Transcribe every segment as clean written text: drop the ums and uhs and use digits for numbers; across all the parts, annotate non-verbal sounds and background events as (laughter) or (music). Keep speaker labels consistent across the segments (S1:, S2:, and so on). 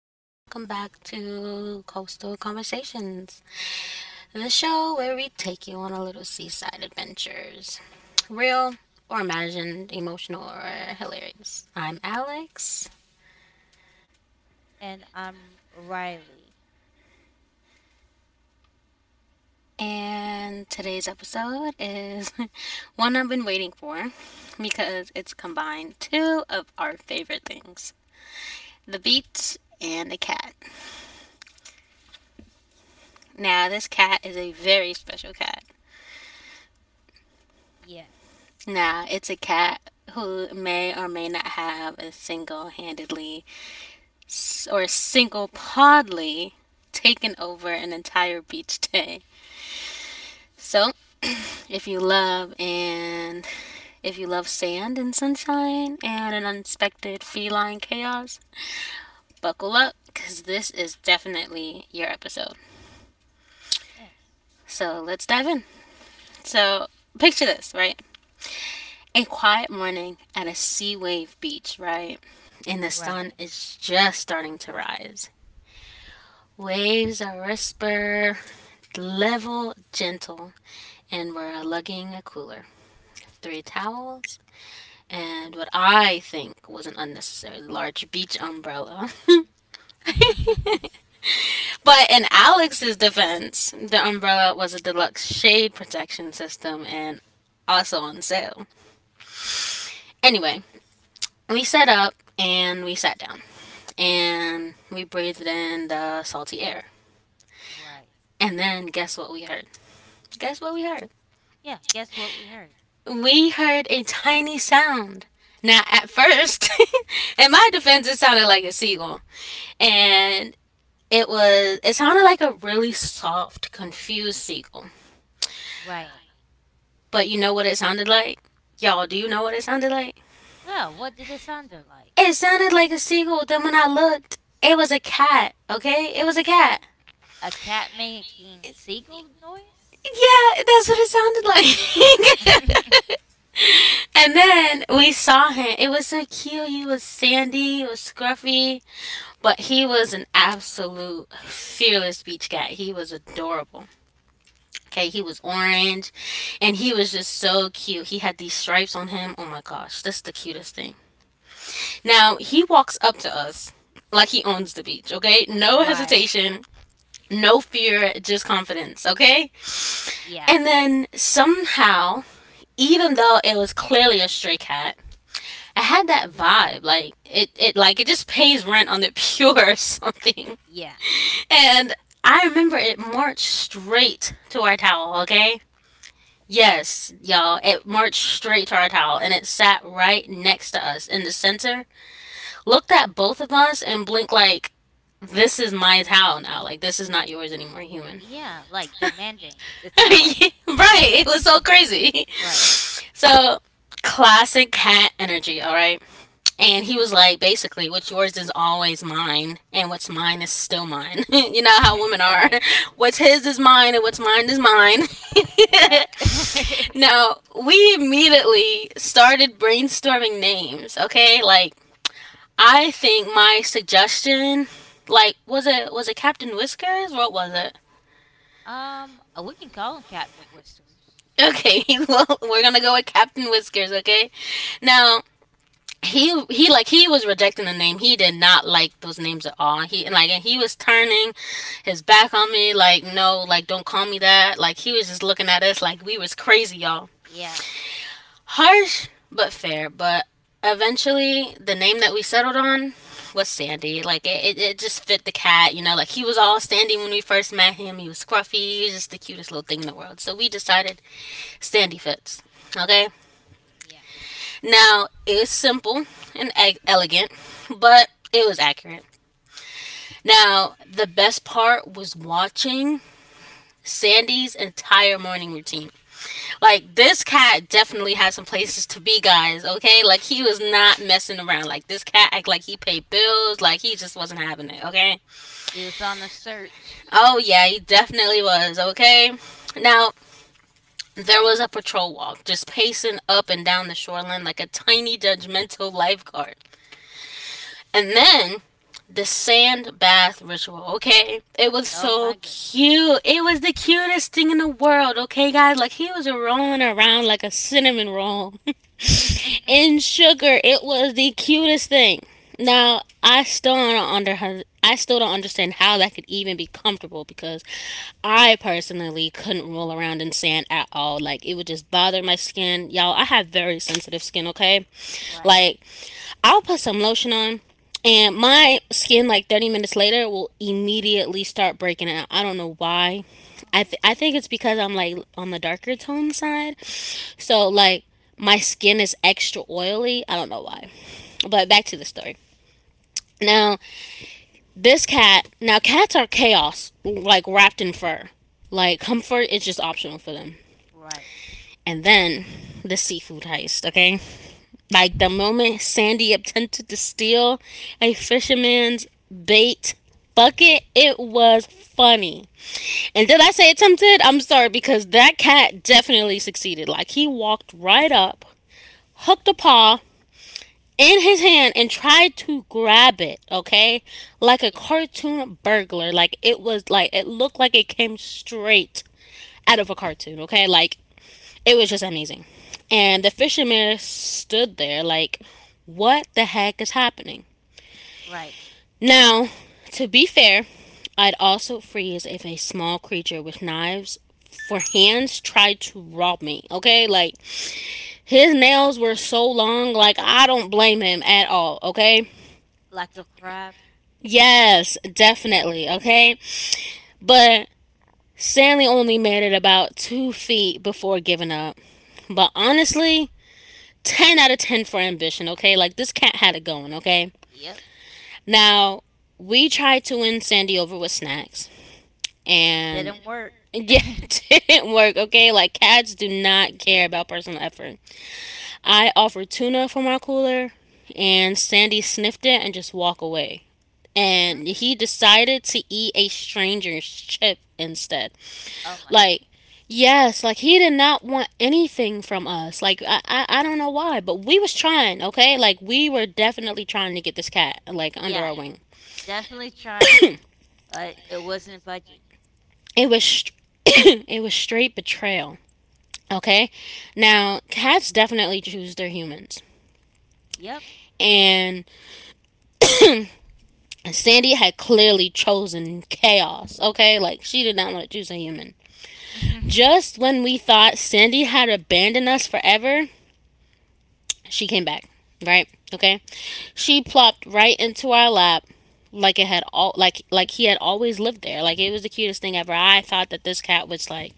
S1: and welcome back to Coastal Conversations, the show where we take you on a little seaside adventures. Real or imagined, emotional or hilarious. I'm Alex,
S2: And I'm Riley.
S1: and today's episode is (laughs) one I've been waiting for because it's combined two of our favorite things the beats and the cat. Now, this cat is a very special cat.
S2: Yes.
S1: Nah, it's a cat who may or may not have a single handedly or single podly taken over an entire beach day. So, if you love and if you love sand and sunshine and an unexpected feline chaos, buckle up because this is definitely your episode.
S2: Yes.
S1: So, let's dive in. So, picture this, right? A quiet morning at a sea wave beach, right? And the sun
S2: Right.
S1: is just starting to rise. Waves are whisper, level, gentle, and we're lugging a cooler, three towels, and what I think was an unnecessarily large beach umbrella.
S2: (laughs)
S1: (laughs) But in Alex's defense, the umbrella was a deluxe shade protection system and also on sale. Anyway, we set up and we sat down, and we breathed in the salty air.
S2: right.
S1: And then guess what we heard? Guess what we heard?
S2: Yeah, guess what we heard?
S1: We heard a tiny sound. Now, at first, (laughs) in my defense, it sounded like a seagull. And it sounded like a really soft, confused seagull.
S2: Right.
S1: But you know what it sounded like? Y'all, do you know what it sounded like?
S2: Well, what did it sound like?
S1: It sounded like a seagull. Then when I looked, it was a cat, okay? It was a cat.
S2: A cat making seagull noise?
S1: Yeah, that's what it sounded like. (laughs)
S2: (laughs)
S1: And then we saw him. It was so cute. He was sandy, he was scruffy, but he was an absolute fearless beach cat. He was adorable. Okay, he was orange and he was just so cute. He had these stripes on him. Oh my gosh, that's the cutest thing. Now, he walks up to us like he owns the beach, okay? No
S2: right.
S1: hesitation, no fear, just confidence, okay? And
S2: Yeah.
S1: then somehow, even though it was clearly a stray cat, I had that vibe. Like it just pays rent on the pure (laughs) or something.
S2: Yeah.
S1: And I remember it marched straight to our towel, okay? Yes, y'all, it marched straight to our towel and it sat right next to us in the center, looked at both of us and blinked like, "This is my towel now. Like this is not yours anymore, human."
S2: Yeah, like demanding
S1: (laughs)
S2: the
S1: Right.
S2: towel. (laughs)
S1: It was so crazy. (laughs)
S2: right.
S1: So classic cat energy, all right? And he was like, basically, what's yours is always mine, and what's mine is still mine. (laughs) You know how women
S2: (laughs)
S1: are.
S2: right.
S1: (laughs) What's his is mine, and what's mine is mine.
S2: Yep.
S1: (laughs) Now, we immediately started brainstorming names, okay? Like, I think my suggestion, like, was it Captain Whiskers? What was it?
S2: (laughs) We can call him Captain Whiskers.
S1: Okay, (laughs) well, we're gonna go with Captain Whiskers, okay? Now, he was rejecting the name. He did not like those names at all. He and like and he was turning his back on me like no, like don't call me that. Like he was just looking at us like we was crazy, y'all.
S2: Yeah.
S1: Harsh but fair, but eventually the name that we settled on was Sandy. Like it just fit the cat, you know, like he was all Sandy when we first met him. He was scruffy, he was just the cutest little thing in the world. So we decided Sandy fits. Okay?
S2: Yeah.
S1: Now, it was simple and elegant, but it was accurate. Now, the best part was watching Sandy's entire morning routine. Like, this cat definitely had some places to be, guys, okay? Like, he was not messing around. Like, this cat act like he paid bills. Like, he just wasn't having it, okay?
S2: It was on a search.
S1: Oh, yeah, he definitely was, okay? Now, there was a patrol walk just pacing up and down the shoreline like a tiny judgmental (laughs) lifeguard. And then the sand bath ritual, okay? It was
S2: Oh
S1: so
S2: my
S1: cute.
S2: goodness.
S1: It was the cutest thing in the world, okay, guys? Like he was rolling around like a cinnamon roll (laughs) in
S2: (laughs)
S1: sugar. It was the cutest thing. Now, I still don't understand how that could even be comfortable because I personally couldn't roll around in sand at all. Like it would just bother my skin. Y'all, I have very sensitive skin, okay? Like
S2: right.
S1: I'll put some lotion on and my skin like 30 minutes later will immediately start breaking out. I don't know why.
S2: Oh.
S1: I think it's because I'm like on the darker tone side, so like my skin is extra oily. I don't know why, but back to the story. Now this cat, now cats are chaos like wrapped in fur, like comfort is just optional for them.
S2: Right.
S1: And then the seafood heist, okay? Like
S2: (laughs)
S1: the
S2: yeah.
S1: moment Sandy attempted to steal a fisherman's bait bucket, it was funny. And did I say attempted? I'm sorry because that cat definitely succeeded. Like he walked right up, hooked a paw in his hand and tried to grab it, okay? Like a cartoon burglar. Like it looked like it came straight out of a cartoon, okay? Like it was just amazing. And the fisherman stood there like, what the heck is happening?
S2: Right.
S1: Now, to be fair, I'd also freeze if a small creature with knives for hands tried to rob me, okay? Like, his nails were so long, like, I don't blame him at all, okay?
S2: Like a crab.
S1: Yes, definitely, okay? But Stanley only made it about 2 feet before giving up. But honestly, 10 out of 10 for ambition, okay? Like this cat had it going, okay?
S2: Yep.
S1: Now, we tried to win Sandy over with snacks and
S2: Didn't work.
S1: yeah, (laughs) it didn't work, okay? Like cats do not care about personal effort. I offered tuna from our cooler and Sandy sniffed it and just walked away. And
S2: Yeah.
S1: he decided to eat a stranger's chip instead.
S2: Oh my
S1: Like,
S2: goodness.
S1: yes, like he did not want anything from us. Like, I don't know why, but we was trying, okay? Like, we were definitely trying to get this cat, like, under our
S2: Yeah.
S1: wing.
S2: Definitely trying. But it wasn't budget.
S1: It was, (coughs) it was straight betrayal, okay? Now, cats definitely choose their humans.
S2: Yep.
S1: And Sandy had clearly chosen chaos, okay? Like, she did not want to choose a human. Just
S2: (laughs)
S1: when we thought Sandy had abandoned us forever, she came back, right? Okay. She plopped right into our lap like it had all like he had always lived there. Like it was the cutest thing ever. I thought that this cat was like,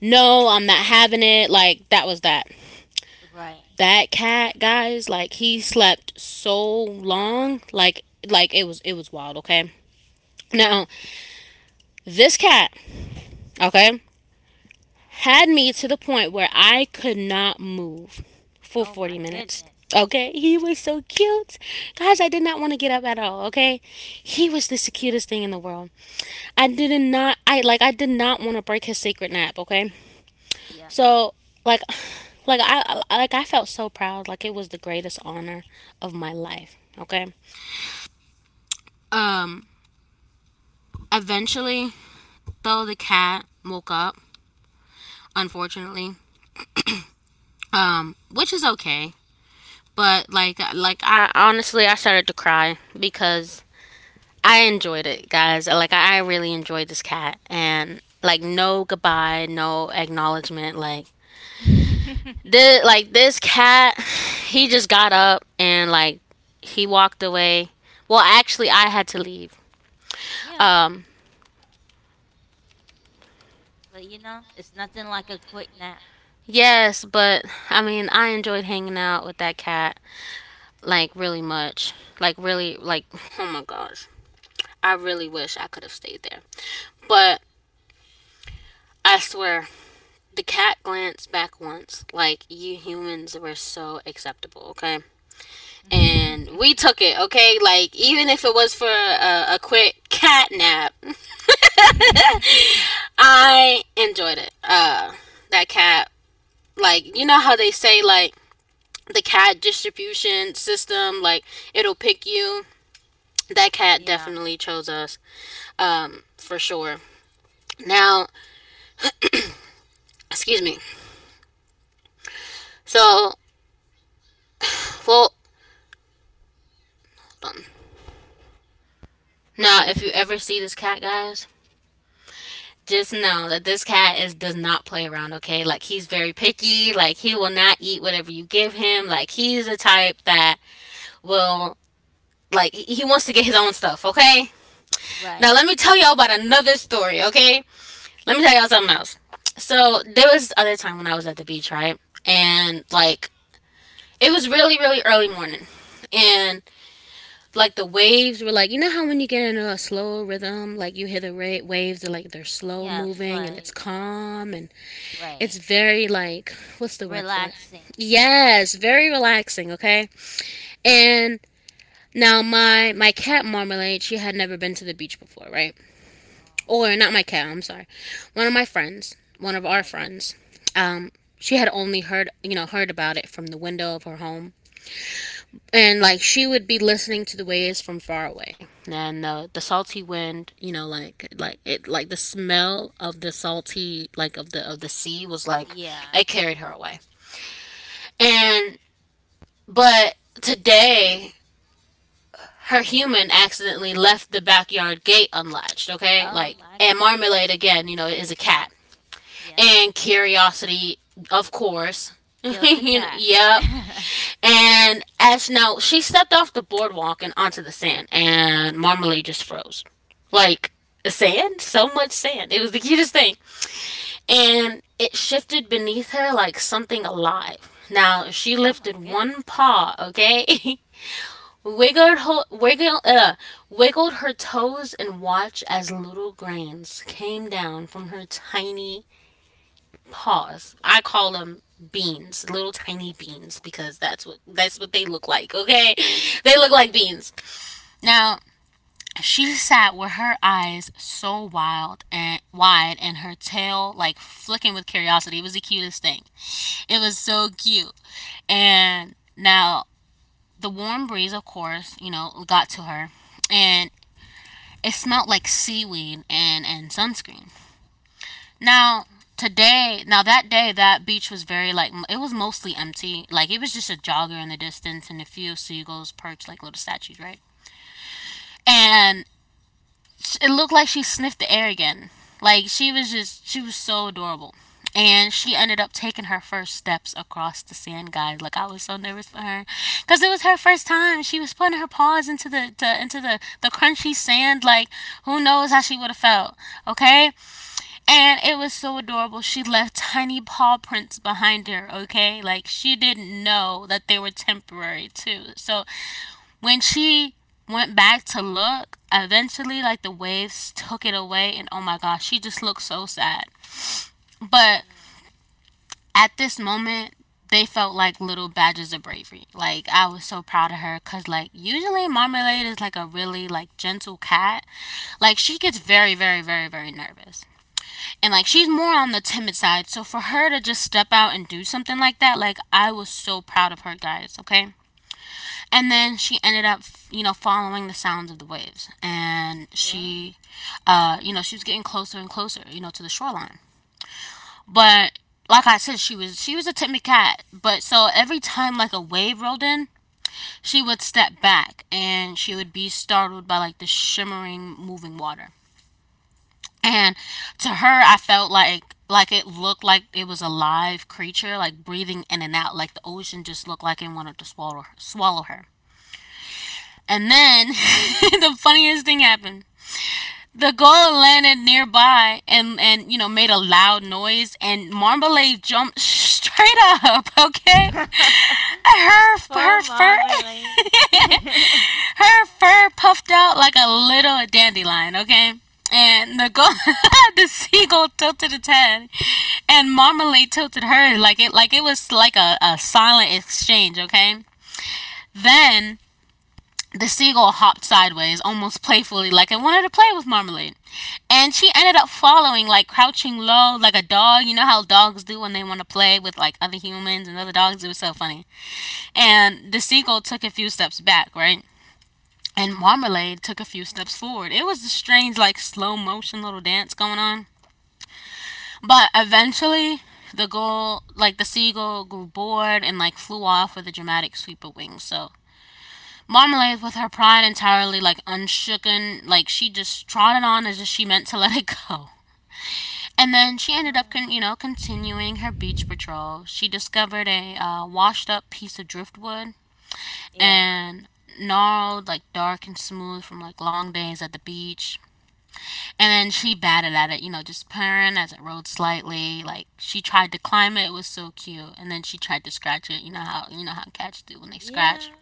S1: "No, I'm not having it." Like that was that.
S2: right.
S1: That cat, guys, like he slept so long, like it was wild, okay? Now, this cat, okay? had me to the point where I could not move for
S2: Oh
S1: 40
S2: my
S1: minutes.
S2: goodness.
S1: Okay, he was so cute. Guys, I did not want to get up at all, okay? He was the cutest thing in the world. I did not want to break his sacred nap, okay?
S2: Yeah.
S1: So, like (sighs) I felt so proud, like it was the greatest honor of my life, okay? Um Eventually though the cat woke up, unfortunately. Which is okay. But I honestly I started to cry because I enjoyed it, guys. Like I really enjoyed this cat and like no goodbye, no acknowledgement. Like
S2: (laughs)
S1: this cat, he just got up and like he walked away. Well, actually, I had to leave.
S2: yeah.
S1: Um,
S2: But you know, it's nothing like a quick nap.
S1: yes, but I mean, I enjoyed hanging out with that cat like really much. Like really, like oh my gosh, I really wish I could have stayed there. But I swear, the cat glanced back once, like you humans were so acceptable, okay? And we took it, okay? Like even if it was for a quick cat nap,
S2: (laughs) (laughs)
S1: I enjoyed it. That cat, like you know how they say like the cat distribution system, like it'll pick you. That cat
S2: Yeah.
S1: definitely chose us, for sure. Now, excuse me. So, well, now if you ever see this cat, guys, just know that this cat is does not play around, okay? Like he's very picky, like he will not eat whatever you give him. Like he's the type that will, he wants to get his own stuff, okay? Now let
S2: Right.
S1: me tell y'all about another story, okay? Let me tell y'all something else. So there was this other time when I was at the beach, right? And like it was really, really early morning. And like the waves were like you know how when you get into a slow rhythm, like you hear the waves are like they're slow
S2: Yes.
S1: moving and it's
S2: Like.
S1: calm and it's
S2: Right.
S1: very like what's the word for it?
S2: Relaxing.
S1: Yes, very relaxing, okay? And now my cat Marmalade, she had never been to the beach before, right?
S2: Oh.
S1: Or not my cat, I'm sorry. One of my friends, one of our
S2: Right.
S1: friends. Um she had only heard, heard about it from the window of her home. And like she would be listening to the waves from far away. And the salty wind, you know, like it like the smell of the salty like of the sea was like
S2: Yeah.
S1: it carried her away. And but today her human accidentally left the backyard gate unlatched, okay?
S2: Oh
S1: Like
S2: my
S1: and Marmalade
S2: goodness.
S1: again, you know, is a cat.
S2: Yeah.
S1: And curiosity, of course. (laughs)
S2: Kills the
S1: You know,
S2: cat.
S1: yep.
S2: (laughs) oh
S1: And as now she stepped off the boardwalk and onto the sand and Marmalade just froze. Like sand? So much sand. It was the cutest thing. And it shifted beneath her like something alive. Now, if she lifted
S2: my
S1: one
S2: goodness.
S1: paw, okay? (laughs) wiggled, ho- wiggle, uh, Wiggled her toes and watched as little grains came down from her tiny paws. I call them beans, little tiny beans, because that's what they look like. Okay, they look like
S2: Yeah.
S1: beans. Now she sat with her eyes so wild and wide, and her tail like flicking with curiosity. It was the cutest thing. It was so cute, and now the warm breeze, of course, you know, got to her. And it smelled like seaweed and sunscreen. Now
S2: Right.
S1: today, now that day, that beach was very it was mostly empty. Like it was just a jogger in the distance and a few seagulls perched like little statues, right? And it looked like she sniffed the air again. Like she was so adorable. And she ended up taking her first steps across the sand, guys. Like I was so nervous for her, cause it was her first time. She was putting her paws into the crunchy sand. Like who knows how she would have felt, okay? And it was so adorable. She left tiny paw prints behind her, okay? Like she didn't know that they were temporary too. So when she went back to look, eventually, like the waves took it away, and oh my gosh, she just looked so sad. But at this moment, they felt like little badges of bravery. Like I was so proud of her because, like, usually Marmalade is like a really like gentle cat. Like she gets very, very, very, very nervous, and like she's more on the timid side. So for her to just step out and do something like that, like I was so proud of her, guys. Okay, and then she ended up, you know, following the sounds of the waves, and
S2: Yeah.
S1: she you know, she was getting closer and closer, you know, to the shoreline. But like I said, she was a timid cat, but so every time like a wave rolled in, she would step back and she would be startled by like the shimmering moving water. And to her, I felt like it looked like it was a live creature like breathing in and out, like the ocean just looked like it wanted to swallow swallow her. And then (laughs) the funniest thing happened. The goal landed nearby and you know made a loud noise and Marmalade jumped (laughs) straight up, okay?
S2: Yeah.
S1: Her
S2: (laughs)
S1: her
S2: Poor
S1: fur
S2: marmalade. (laughs)
S1: (laughs) her fur puffed out like a little dandelion, okay? And the go- (laughs) the seagull tilted its head, and Marmalade tilted her like it was like a silent exchange, okay? Then the seagull hopped sideways, almost playfully, like it wanted to play with Marmalade. And she ended up following, like crouching low, like a dog. You know how dogs do when they want to play with like other humans and other dogs? It was so funny. And the seagull took a few steps back, right? And Marmalade took a few steps forward. It was a strange, like slow motion little dance going on. But eventually, the goal, like the seagull, grew bored and like flew off with a dramatic sweep of wings. So Marmalade, with her pride entirely like unshooken, like she just trotted on as if she meant to (laughs) let it go. And then she ended up, you know,
S2: oh.
S1: continuing her beach patrol. She discovered a washed-up piece of driftwood
S2: Yeah.
S1: and gnarled, like dark and smooth from like long days at the beach. And then she batted at it, you know, just purring as it rolled slightly. Like she tried to climb it, it was so cute. And then she tried to scratch it. You know how cats do when they scratch.
S2: Yeah.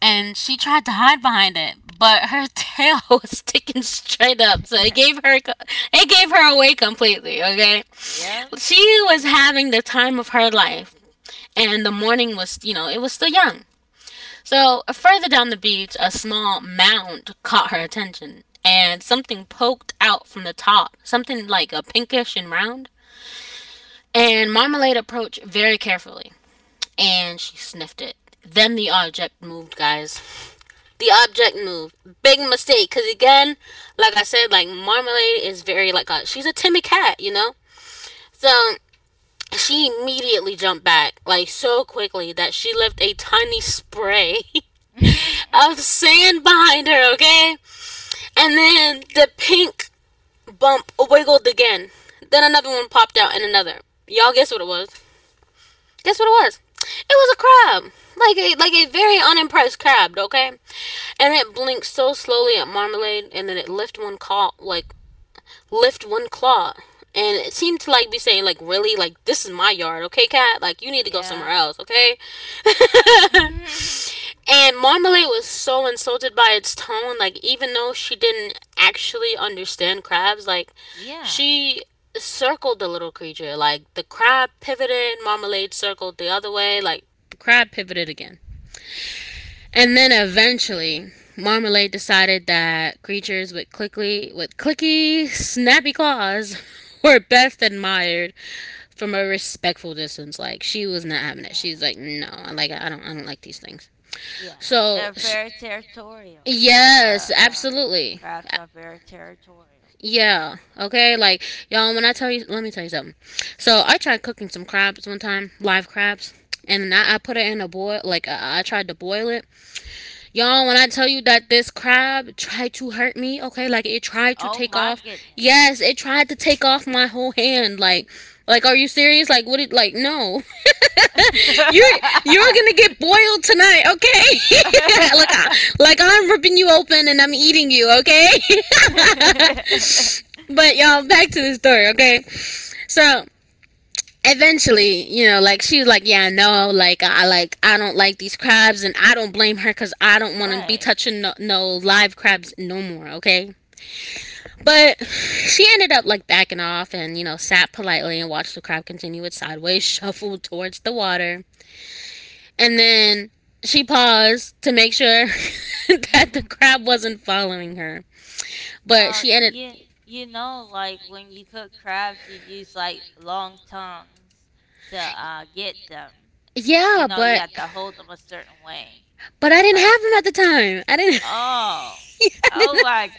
S1: And she tried to hide behind it, but her (laughs) tail was sticking straight up, so
S2: (laughs)
S1: it gave her away completely. Okay,
S2: yep.
S1: she was having the time of her life, and the morning was, you know, it was still young. So further down the beach, a small mound caught her attention, and something poked out from the top, something like a pinkish and round. And Marmalade approached very carefully, and she sniffed it. Then the object moved. Big mistake. Cause again, like I said, like Marmalade is very like a she's a timid cat, you know. So she immediately jumped back like so quickly that she left a tiny spray
S2: (laughs) Alright.
S1: (laughs) of sand behind her. Okay, and then the pink bump wiggled again. Then another one popped out, and another. Y'all guess what it was? Guess what it was? It was a crab, like a very unimpressed crab. Okay, and it blinked so slowly at Marmalade, and then it lift one claw, lift one claw, and it seemed to like be saying, like, really, like this is my yard, okay, cat? Like you need to go somewhere
S2: yeah.
S1: else, okay?
S2: (laughs)
S1: And Marmalade was so insulted by its tone, like even though she didn't actually understand crabs, like
S2: Yeah,
S1: she circled the little creature, like the crab pivoted, Marmalade circled the other way, like the crab pivoted again. And then eventually, Marmalade decided that creatures with clicky, snappy claws (laughs) were best admired from a respectful distance. Like she was not having it.
S2: yeah,
S1: She was like, "No, I like I don't like these things."
S2: yeah.
S1: So,
S2: They're very territorial. The
S1: yes, absolutely.
S2: crabs are very territorial. Yeah.
S1: Yeah. Okay. Like y'all, when I tell you, let me tell you something. So I tried cooking some crabs one time, live crabs, and
S2: Oh,
S1: I put it in a boil. Like I tried to boil it. Y'all, when I tell you that this crab tried to hurt me, okay, like it tried
S2: oh
S1: to take
S2: my
S1: off.
S2: goodness.
S1: Yes, it tried to take off my whole hand. Like, are you serious? Like, what? It like, no. (laughs) you're you're gonna get boiled tonight, okay? (laughs) Like, I,
S2: (laughs)
S1: like I'm ripping you open and I'm eating you, okay? (laughs) But y'all, back to the story, okay? So eventually, you know, like she was like, "Yeah, no, like I don't like these crabs, and I don't blame her because I don't want to be
S2: right.
S1: touching no live crabs no more." Okay, but she ended up like backing off and you know sat politely and watched the crab continue its sideways (laughs) shuffle towards the water, and then she paused to make sure (laughs) that the
S2: (laughs)
S1: crab wasn't following her, but she ended.
S2: You you know, like when you cook crabs, you use like long tongs to get them. You
S1: Yeah,
S2: know, you have to hold them a certain way.
S1: but I didn't
S2: Like
S1: have him at the time. I didn't
S2: Oh.
S1: (laughs) yeah, I
S2: Oh
S1: didn't,
S2: my
S1: (laughs)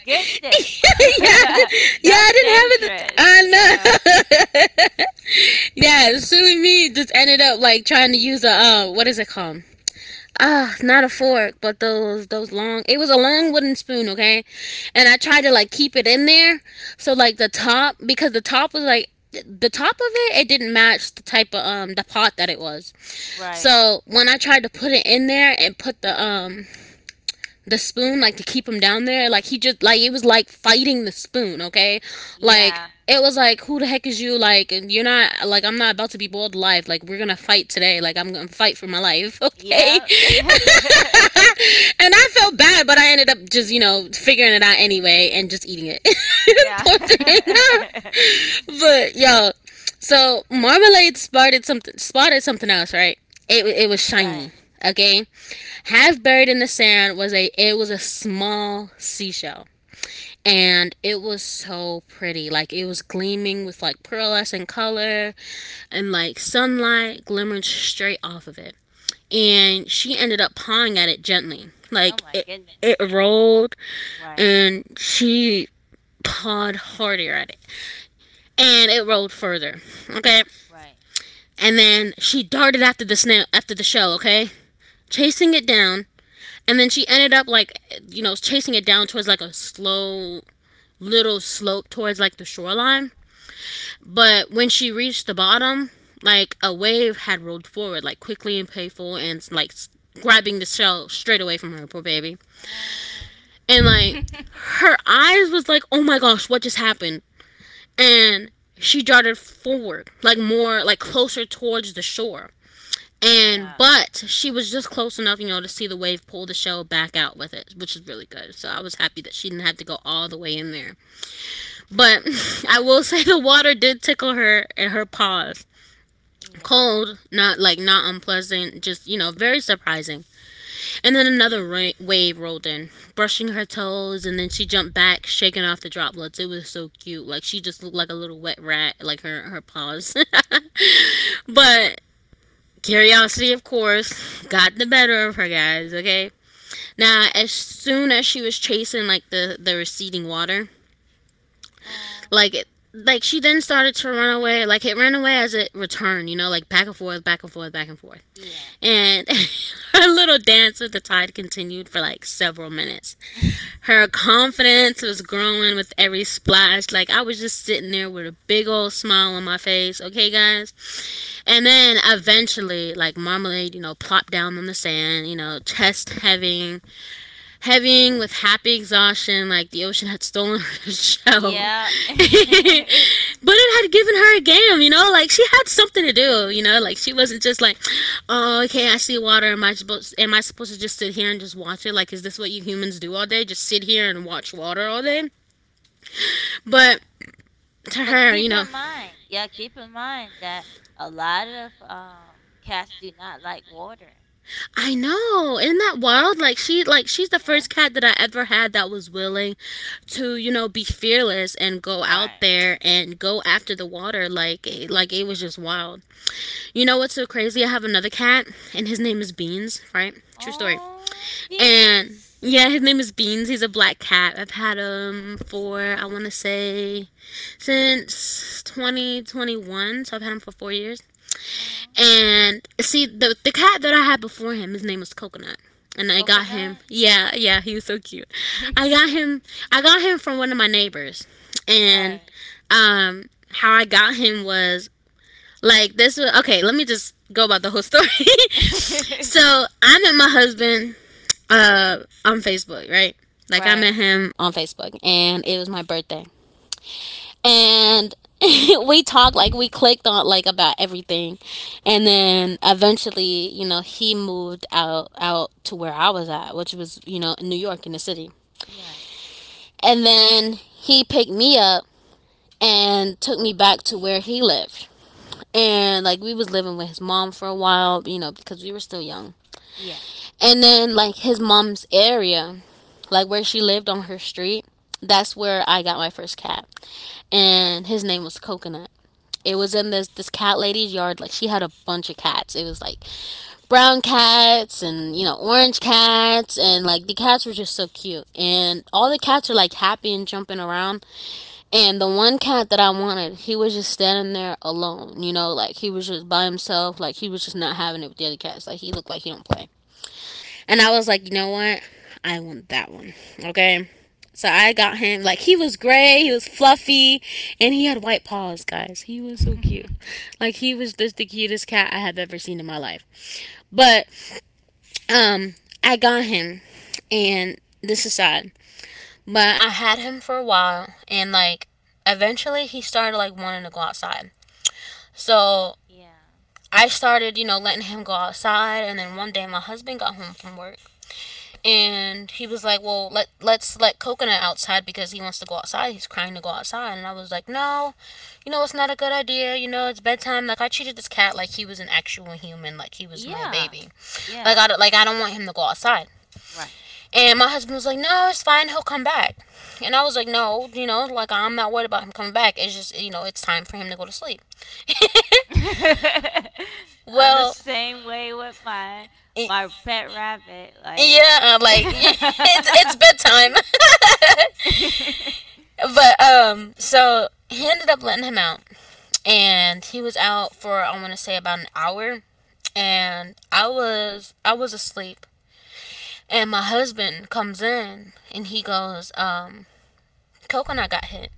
S1: yeah,
S2: goodness.
S1: I didn't,
S2: (laughs) That's
S1: yeah,
S2: dangerous.
S1: I
S2: Yeah.
S1: didn't have it. I know. (laughs) Yeah, silly me just ended up like trying to use a what is it called? Ah, not a fork, but those long. It was a long wooden spoon, okay. And I tried to like keep it in there, so like the top because the top was like the top of it didn't match the type of the pot that it was.
S2: Right.
S1: So when I tried to put it in there and put the the spoon like to keep him down there, like he just like it was like fighting the spoon, okay. Like
S2: Yeah.
S1: it was like, "Who the heck is you? Like you're not, like I'm not about to be boiled alive, like we're gonna fight today, like I'm gonna fight for my life." (laughs) Okay.
S2: Yeah.
S1: (laughs)
S2: (laughs)
S1: And I felt bad, but I ended up just figuring it out anyway and just eating it. (laughs)
S2: yeah.
S1: Poor thing.
S2: (laughs)
S1: (laughs) But yo, so Marmalade spotted something else, right? It was shiny,
S2: right.
S1: okay. Half buried in the sand was a, it was a small seashell, and it was so pretty, like it was gleaming with like pearlescent color and like sunlight glimmering straight off of it. And she ended up pawing at it gently,
S2: Oh
S1: like
S2: my
S1: it
S2: goodness.
S1: rolled
S2: Right.
S1: and she pawed harder at it and it rolled further, okay.
S2: Right.
S1: And then she darted after the shell, okay, chasing it down. And then she ended up like, you know, chasing it down towards like a slow little slope towards like the shoreline. But when she reached the bottom, like a wave had rolled forward like quickly and painful, and like grabbing the shell straight away from her, poor baby.
S2: Um.
S1: And like
S2: (laughs)
S1: her eyes was like, "Oh my gosh, what just happened?" And she darted forward like more, like closer towards the shore. And
S2: yeah.
S1: but she was just close enough, you know, to see the wave pull the shell back out with it, which is really good. So I was happy that she didn't have to go all the way in there. But (laughs) I will say the water did tickle her in her paws.
S2: Yeah.
S1: Cold, not like not unpleasant, just, you know, very surprising. And then another wave rolled in, brushing her toes, and then she jumped back, shaking off the droplets. It was so cute. Like she just looked like a little wet rat, like her paws. (laughs) But curiosity, of course, got the better of her, guys, okay? Now, as soon as she was chasing like the receding water,
S2: Um.
S1: like it, like she then started to run away, like it ran away as it returned, you know, like back and forth, back and forth, back and forth.
S2: Yeah.
S1: And (laughs) her little dance with the tide continued for like several minutes.
S2: (laughs)
S1: Her confidence was growing with every splash. Like I was just sitting there with a big old smile on my face. Okay, guys. And then eventually, like Marmalade, you know, plopped down on the sand, you know, chest heavy, heaving with happy exhaustion, like the ocean had stolen (laughs) her shell.
S2: yeah. (laughs)
S1: (laughs) But
S2: yeah.
S1: it had given her a game, you know, like she had something to do, you know, like she wasn't just like, "Oh, okay, I see water. Am I supposed? Am I supposed to just sit here and just watch it? Like, is this what you humans do all day? Just sit here and watch water all day?" But to
S2: But
S1: her,
S2: keep
S1: you
S2: in
S1: know,
S2: mind, yeah, keep in mind that a lot of cats do not like water,
S1: I
S2: you know.
S1: know. Isn't that wild? Like she like she's the
S2: Yeah,
S1: first cat that I ever had that was willing to, you know, be fearless and go
S2: right.
S1: out there and go after the water, like it was just wild. You know what's so crazy? I have another cat and his name is Beans, right? True story.
S2: Oh,
S1: And
S2: beans.
S1: yeah, his name is Beans. He's a black cat. I've had him for I want to say since 2021, so I've had him for 4 years.
S2: Oh,
S1: And see, the cat that I had before him, his name was Coconut, and I got him.
S2: coconut.
S1: Yeah, yeah, he was so cute. I got
S2: (laughs)
S1: him. I got him from one of my neighbors, and
S2: right.
S1: how I got him was like this. Was, okay, let me just go about the whole story. (laughs) So
S2: (laughs)
S1: I met my husband uh on Facebook, right? Like I met
S2: right.
S1: him on Facebook, and it was my birthday, and (laughs) we talked, like we
S2: (laughs)
S1: clicked on like about everything. And then eventually, you know, he moved out to where I was at, which was, you know, in New York, in the city.
S2: You're right.
S1: And then he picked me up and took me back to where he lived, and like we was living with his mom for a while, you know, because we were still young.
S2: Yeah.
S1: And then like his mom's area, like where she lived on her street, that's where I got my first cat, and his name was Coconut. It was
S2: Oh.
S1: in this cat lady's yard. Like she had a bunch of cats. It was like brown cats and, you know, orange cats, and like the cats were just so cute. And all the cats are like happy and jumping around. And the one cat that I wanted, he was just standing there alone. You know, like he was just by himself. Like he was just not having it with the other cats. Like he looked like he don't play. And I was like, you know what? I want that one. Okay. So I got him. Like he was gray, he was fluffy, and he had white paws, guys. He was so cute.
S2: (laughs)
S1: Like he was just the cutest cat I have ever seen in my life. But um I got him, and this is sad. But I had him for a while, and like eventually he started like wanting to go outside. So
S2: yeah.
S1: I started, you know, letting him go outside. And then one day my husband got home from work, and he was like, "Well, let's let Coconut outside because he wants to go outside. He's crying to go outside." And I was like, "No, you know it's not a good idea. You know it's bedtime." Like I treated this cat like he was an actual human, like he was my
S2: Yeah.
S1: baby. Like
S2: Yeah.
S1: I, like I don't want him to go outside.
S2: Right.
S1: And my husband was like, "No, it's fine. He'll come back." And I was like, "No, you know, like I'm not worried about him coming back. It's just you know it's time for him to go to sleep." (laughs)
S2: (laughs) I'm the
S1: Well,
S2: same way with my my pet rabbit. Like,
S1: yeah, like (laughs) yeah,
S2: (laughs)
S1: it's bedtime. (laughs) But so he ended up letting him out, and he was out for I want to say about an hour, and I was asleep, and my husband comes in and he goes, Coconut got hit,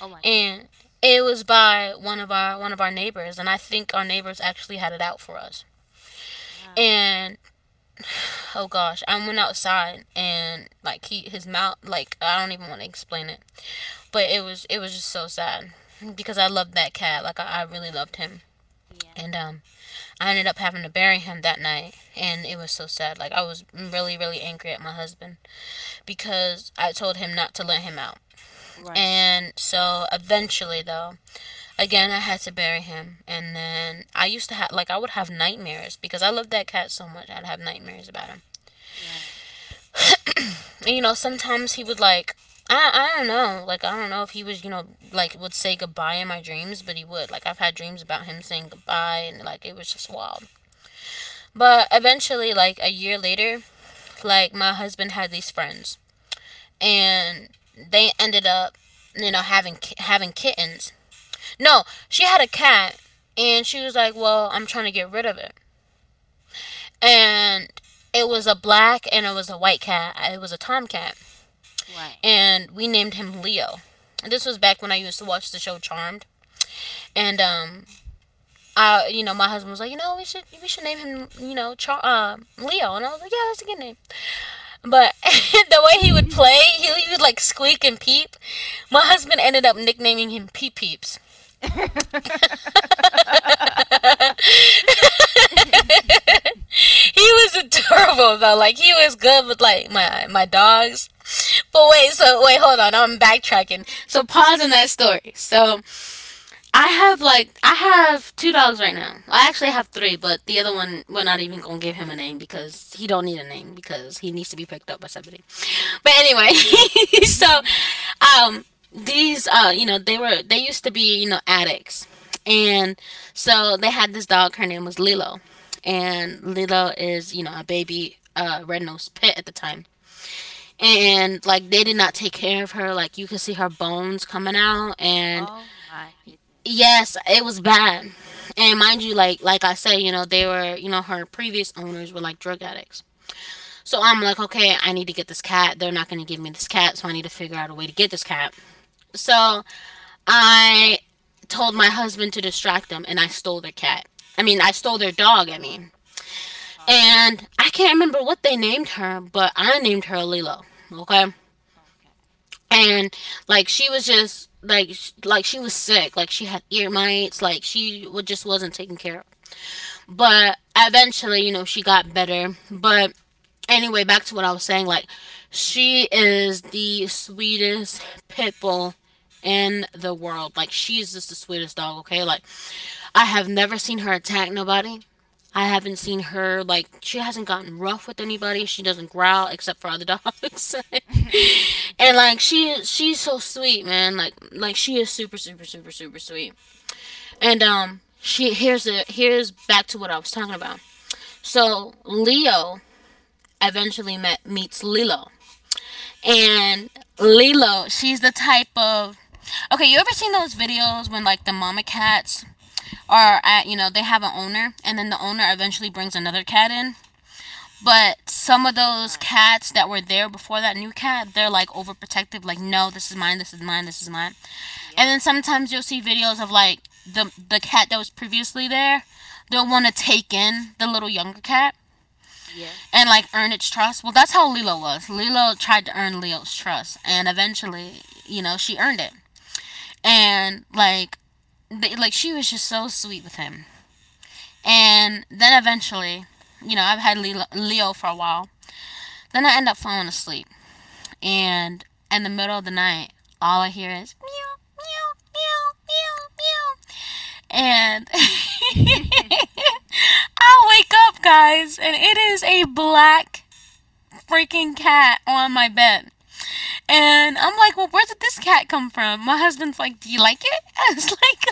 S2: oh my
S1: and
S2: goodness!
S1: it was by one of our neighbors, and I think our neighbors actually had it out for us.
S2: Wow.
S1: And oh gosh, I went outside and like he his mouth, like I don't even want to explain it, but it was just so sad because I loved that cat, like I really loved him.
S2: Yeah.
S1: And I ended up having to bury him that night, and it was so sad. Like I was really, really angry at my husband because I told him not to let him out.
S2: Right.
S1: And so eventually, though, again, I had to bury him. And then I used to have, like, I would have nightmares because I loved that cat so much. I'd have nightmares about him.
S2: Right.
S1: And, you know, sometimes he would, like, I don't know. Like, I don't know if he was, you know, like, would say goodbye in my dreams, but he would. Like, I've had dreams about him saying goodbye, and, like, it was just wild. But eventually, like, a year later, like my husband had these friends, and they ended up, you know, having kittens. No, she had a cat, and she was like, "Well, I'm trying to get rid of it." And it was a black, and it was a white cat, it was a tomcat,
S2: Right.
S1: and we named him Leo. And this was back when I used to watch the show Charmed. And
S2: Um.
S1: I, you know, my husband was like, you know, we should name him, you know, Leo. And I was like, "Yeah, that's a good name." But (laughs) the way he would play, he would like squeak and peep. My husband ended up nicknaming him Pee Peeps. (laughs)
S2: (laughs)
S1: He was adorable though. Like he was good with like my dogs. But wait, so wait, hold on. I'm backtracking. So pause in that story. So I have like I have two dogs right now. I actually have three, but the other one we're not even gonna give him a name because he don't need a name because he needs to be picked up by somebody. But
S2: right.
S1: anyway, (laughs) so
S2: (laughs)
S1: um these you know they were they used to be, you know, addicts. And so they had this dog, her name was Lilo, and Lilo is, you know, a baby red-nosed pit at the time. And like they did not take care of her, like you could see her bones coming out. And
S2: oh my goodness.
S1: yes, it was bad. And mind you, like I said, you know, they were, you know, her previous owners were like drug addicts. So I'm like, okay, I need to get this cat. They're not going to give me this cat, so I need to figure out a way to get this cat. So I told my husband to distract them, and I stole their cat. I mean, I stole their dog, I mean.
S2: Oh.
S1: And I can't remember what they named her, but I named her Lilo, okay?
S2: Okay.
S1: And like she was just like like she was sick, like she had ear mites, like she just wasn't taken care of. But eventually, you know, she got better, but anyway, back to what I was saying. Like, she is the sweetest pit bull in the world. Like, she is just the sweetest dog. Okay, like, I have never seen her attack nobody. I haven't seen her like she hasn't gotten rough with anybody. She doesn't growl except for other dogs. (laughs)
S2: (laughs)
S1: And like she's so sweet, man. Like she is super super super super sweet. And she here's the here's back to what I was talking about. So Leo eventually met meets Lilo. And Lilo, she's the type of okay. You ever seen those videos when like the mama cats are at they have an owner, and then the owner eventually brings another cat in? But some of those
S2: right.
S1: cats that were there before that new cat, they're like overprotective. Like, no, this is mine. This is mine. This is mine. And
S2: Yeah,
S1: then sometimes you'll see videos of like the cat that was previously there. They'll want to take in the little younger cat
S2: yeah,
S1: and like earn its trust. Well, that's how Lilo was. Lilo tried to earn Leo's trust, and eventually, she earned it.
S2: yeah.
S1: And like, they, like she was just so sweet with him. And then eventually, I've had Lilo, Leo for a while. Then I end up falling asleep, and in the middle of the night, all I hear is meow, meow, meow, meow, meow, and (laughs)
S2: (laughs)
S1: I wake up, guys, and it is a black freaking cat on my bed. And I'm like, well, where did this cat come from? My husband's like, do you like it? (laughs) I was like,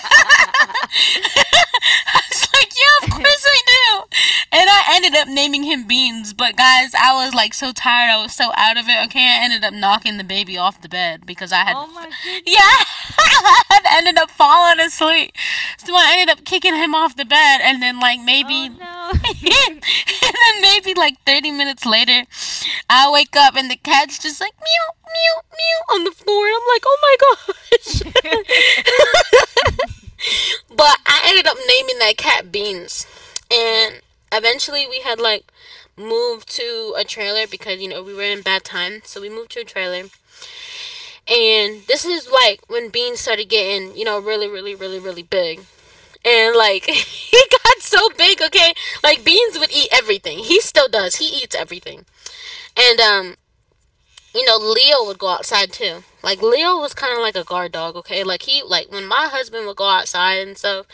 S1: (laughs) I was like, yeah, of course I do. And I ended up naming him Beans. But guys, I was like so tired. I was so out of it. Okay, I ended up knocking the baby off the bed because
S2: oh my
S1: yeah,
S2: goodness.
S1: (laughs) I had ended up falling asleep. So I ended up kicking him off the bed. And then, like,
S2: Oh
S1: maybe
S2: no.
S1: (laughs) And then maybe like 30 minutes later, I wake up and the cat's just like meow, meow, meow on the floor. I'm like, oh my gosh.
S2: (laughs)
S1: (laughs) But I ended up naming that cat Beans.
S2: yeah,
S1: And eventually we had like moved to a trailer because, you know, we were in bad time. So we moved to a trailer. And this is like when Beans started getting, really, really, really, really big, and like (laughs) he got so big, okay, like Beans would eat everything. He still does. He eats everything. And you know, Leo would go outside too, like Leo was kind of
S2: right.
S1: like a guard dog, okay, like he, like when my husband would go outside and stuff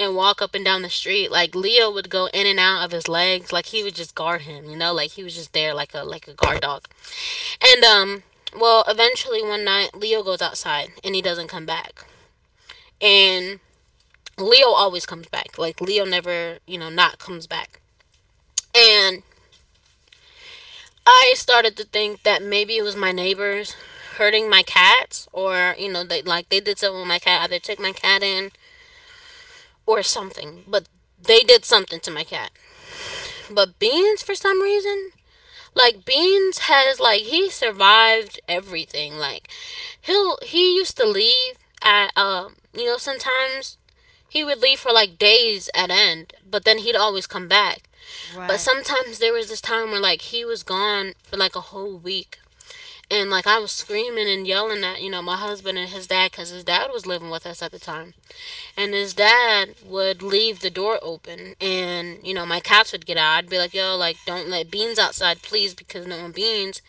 S1: and walk up and down the street, like Leo would go in and out of his legs, like he would just guard him, you know, like he was just there like a guard dog. And well, eventually one night Leo goes outside and he doesn't come back. And Leo always comes back. Like Leo never, not comes back. And I started to think that maybe it was my neighbors hurting my cats, or, they like they did something with my cat, either took my cat in or something. But they did something to my cat. But Beans, for some reason, like Beans has, like he survived everything. Like he used to leave at you know, sometimes he would leave for like days at end, but then he'd always come back. But
S2: Right.
S1: sometimes there was this time where like he was gone for like a whole week. And like I was screaming and yelling at, my husband and his dad, cuz his dad was living with us at the time. And his
S2: Oh.
S1: dad would leave the door open and, my cats would get out. I'd be like, "Yo, like don't let Beans outside, please, because knowing Beans,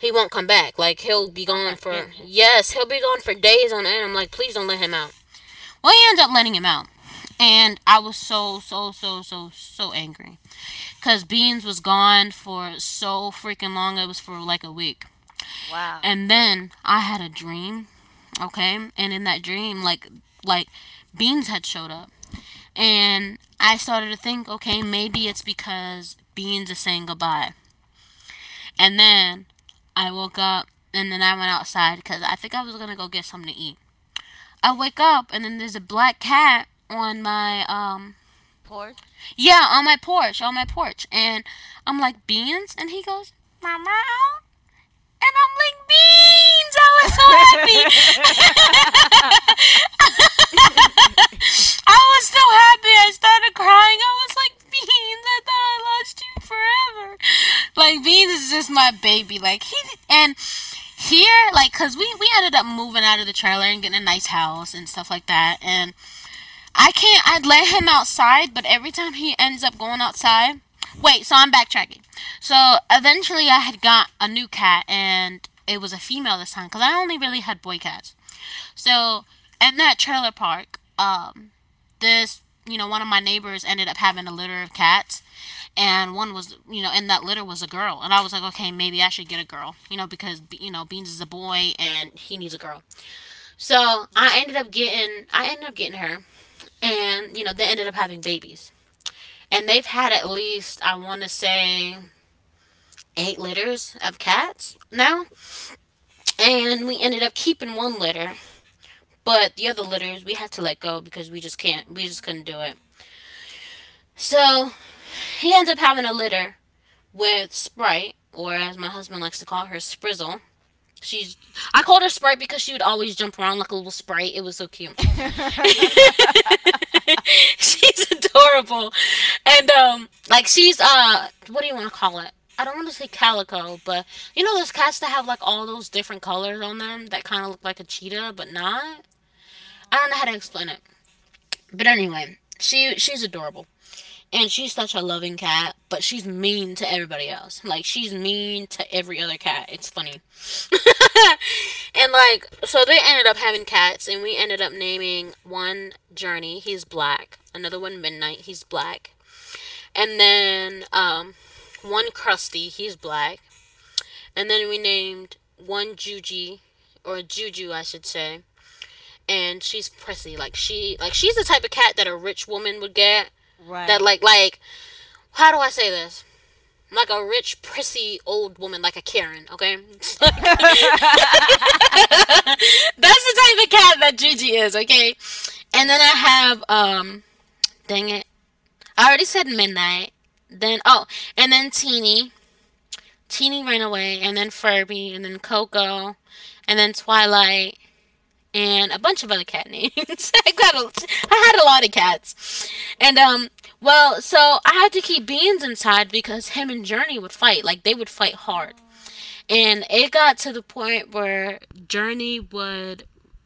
S1: he won't come back. Like he'll be
S2: oh
S1: gone
S2: my
S1: for
S2: goodness.
S1: yes, he'll be gone for days on end." I'm like, "Please don't let him out." Well, he ends up letting him out. And I was so so so so so angry because Beans was gone for so freaking long, it was for like a week.
S2: Wow.
S1: And then I had a dream, okay? And in that dream, like, Beans had showed up. And I started to think, okay, maybe it's because Beans is saying goodbye. And then I woke up, and then I went outside because I think I was gonna go get something to eat. I wake up, and then there's a black cat on my
S2: Porch?
S1: yeah, on my porch, on my porch, and I'm like, Beans! And he goes meow, meow. And I'm like, Beans! I was so
S2: (laughs)
S1: happy.
S2: yeah.
S1: (laughs) I was so happy. I started crying. I was like, Beans! I thought I lost you forever. Like Beans is just my baby. Like he, and here, like, cause we ended up moving out of the trailer and getting a nice house and stuff like that. And I can't. I would let him outside, but every time he ends up going outside. Wait, so I'm backtracking. So eventually, I had got a new cat, and it was a female this time because I only really had boy cats. So in that trailer park, this you know, one of my neighbors ended up having a litter of cats, and one was you know, in that litter was a girl, and I was like, okay, maybe I should get a girl, you know, because you know Beans is a boy and he needs a girl. So I ended up getting her, and you know they ended up having babies, and they've had at least, I want to say, eight litters of cats now. And we ended up keeping one litter, but the other litters we had to let go because we just couldn't do it.
S2: Oh.
S1: So he ends up having a litter with Sprite, or as my husband likes to call her, Sprizzle. She's I called her Sprite because she would always jump around like a little sprite. It was so cute.
S2: (laughs)
S1: (laughs) She's adorable. And like she's what do you want to call it? I don't want to say calico, but you know those cats that have like all those different colors on them that kind of look like a cheetah but not? I don't know how to explain it. But anyway, she's adorable. And she's such a loving cat, but she's mean to everybody else. Like she's mean to every other cat. It's funny. (laughs) And like, so they ended up having cats, and we ended up naming one Journey, he's black. Another one Midnight, he's black. And then one Krusty, he's black. And then we named one Juji, or Juju, I should say. And she's prissy, like she, like she's the type of cat that a rich woman would get. That,
S2: right.
S1: like, how do I say this? Like a rich, prissy old woman, like a Karen. Okay, it's like, (laughs)
S2: (laughs)
S1: that's the type of cat that Gigi is. Okay, and then I have dang it, I already said Midnight. Then, oh, and then Teeny. Teeny ran away, and then Furby, and then Coco, and then Twilight, and a bunch of other cat names. (laughs) I had a lot of cats, and well, so I had to keep Beans inside because him and Journey would fight. Like they would fight hard,
S2: oh,
S1: and it got to the point where Journey would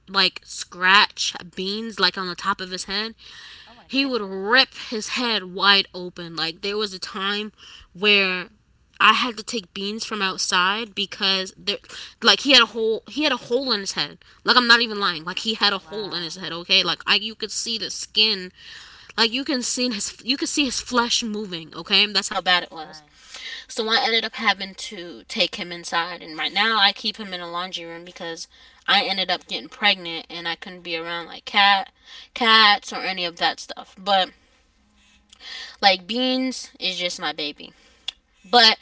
S1: like scratch Beans, like on the top of his head,
S2: oh my
S1: he would
S2: goodness.
S1: rip his head wide open. Like there was a time where I had to take Beans from outside because there, like he had a hole. He had a hole in his head. Like, I'm not even lying. Like he had a hole in
S2: Wow.
S1: his head. Okay. Like, I, you could see the skin. Like you can see his, you could see his flesh moving. Okay. That's how bad it was.
S2: Right.
S1: So I ended up having to take him inside, and right now I keep him in a laundry room because I ended up getting pregnant and I couldn't be around like cats or any of that stuff. But
S2: Um,
S1: like Beans is just my baby. But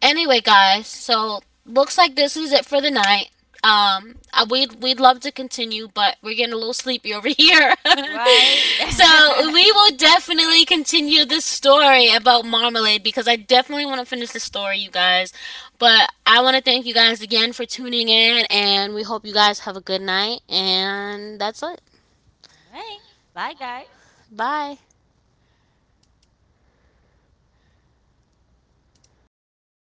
S1: anyway, guys, so looks like this is it for the night. I, we'd we'd love to continue, but we're getting a little sleepy over here.
S2: Right. (laughs)
S1: (laughs) So
S2: All
S1: we will definitely continue this story about Marmalade because I definitely want to finish the story, you guys. But I want to thank you guys again for tuning in, and we hope you guys have a good night. And that's it.
S2: right. Bye, guys.
S1: Bye.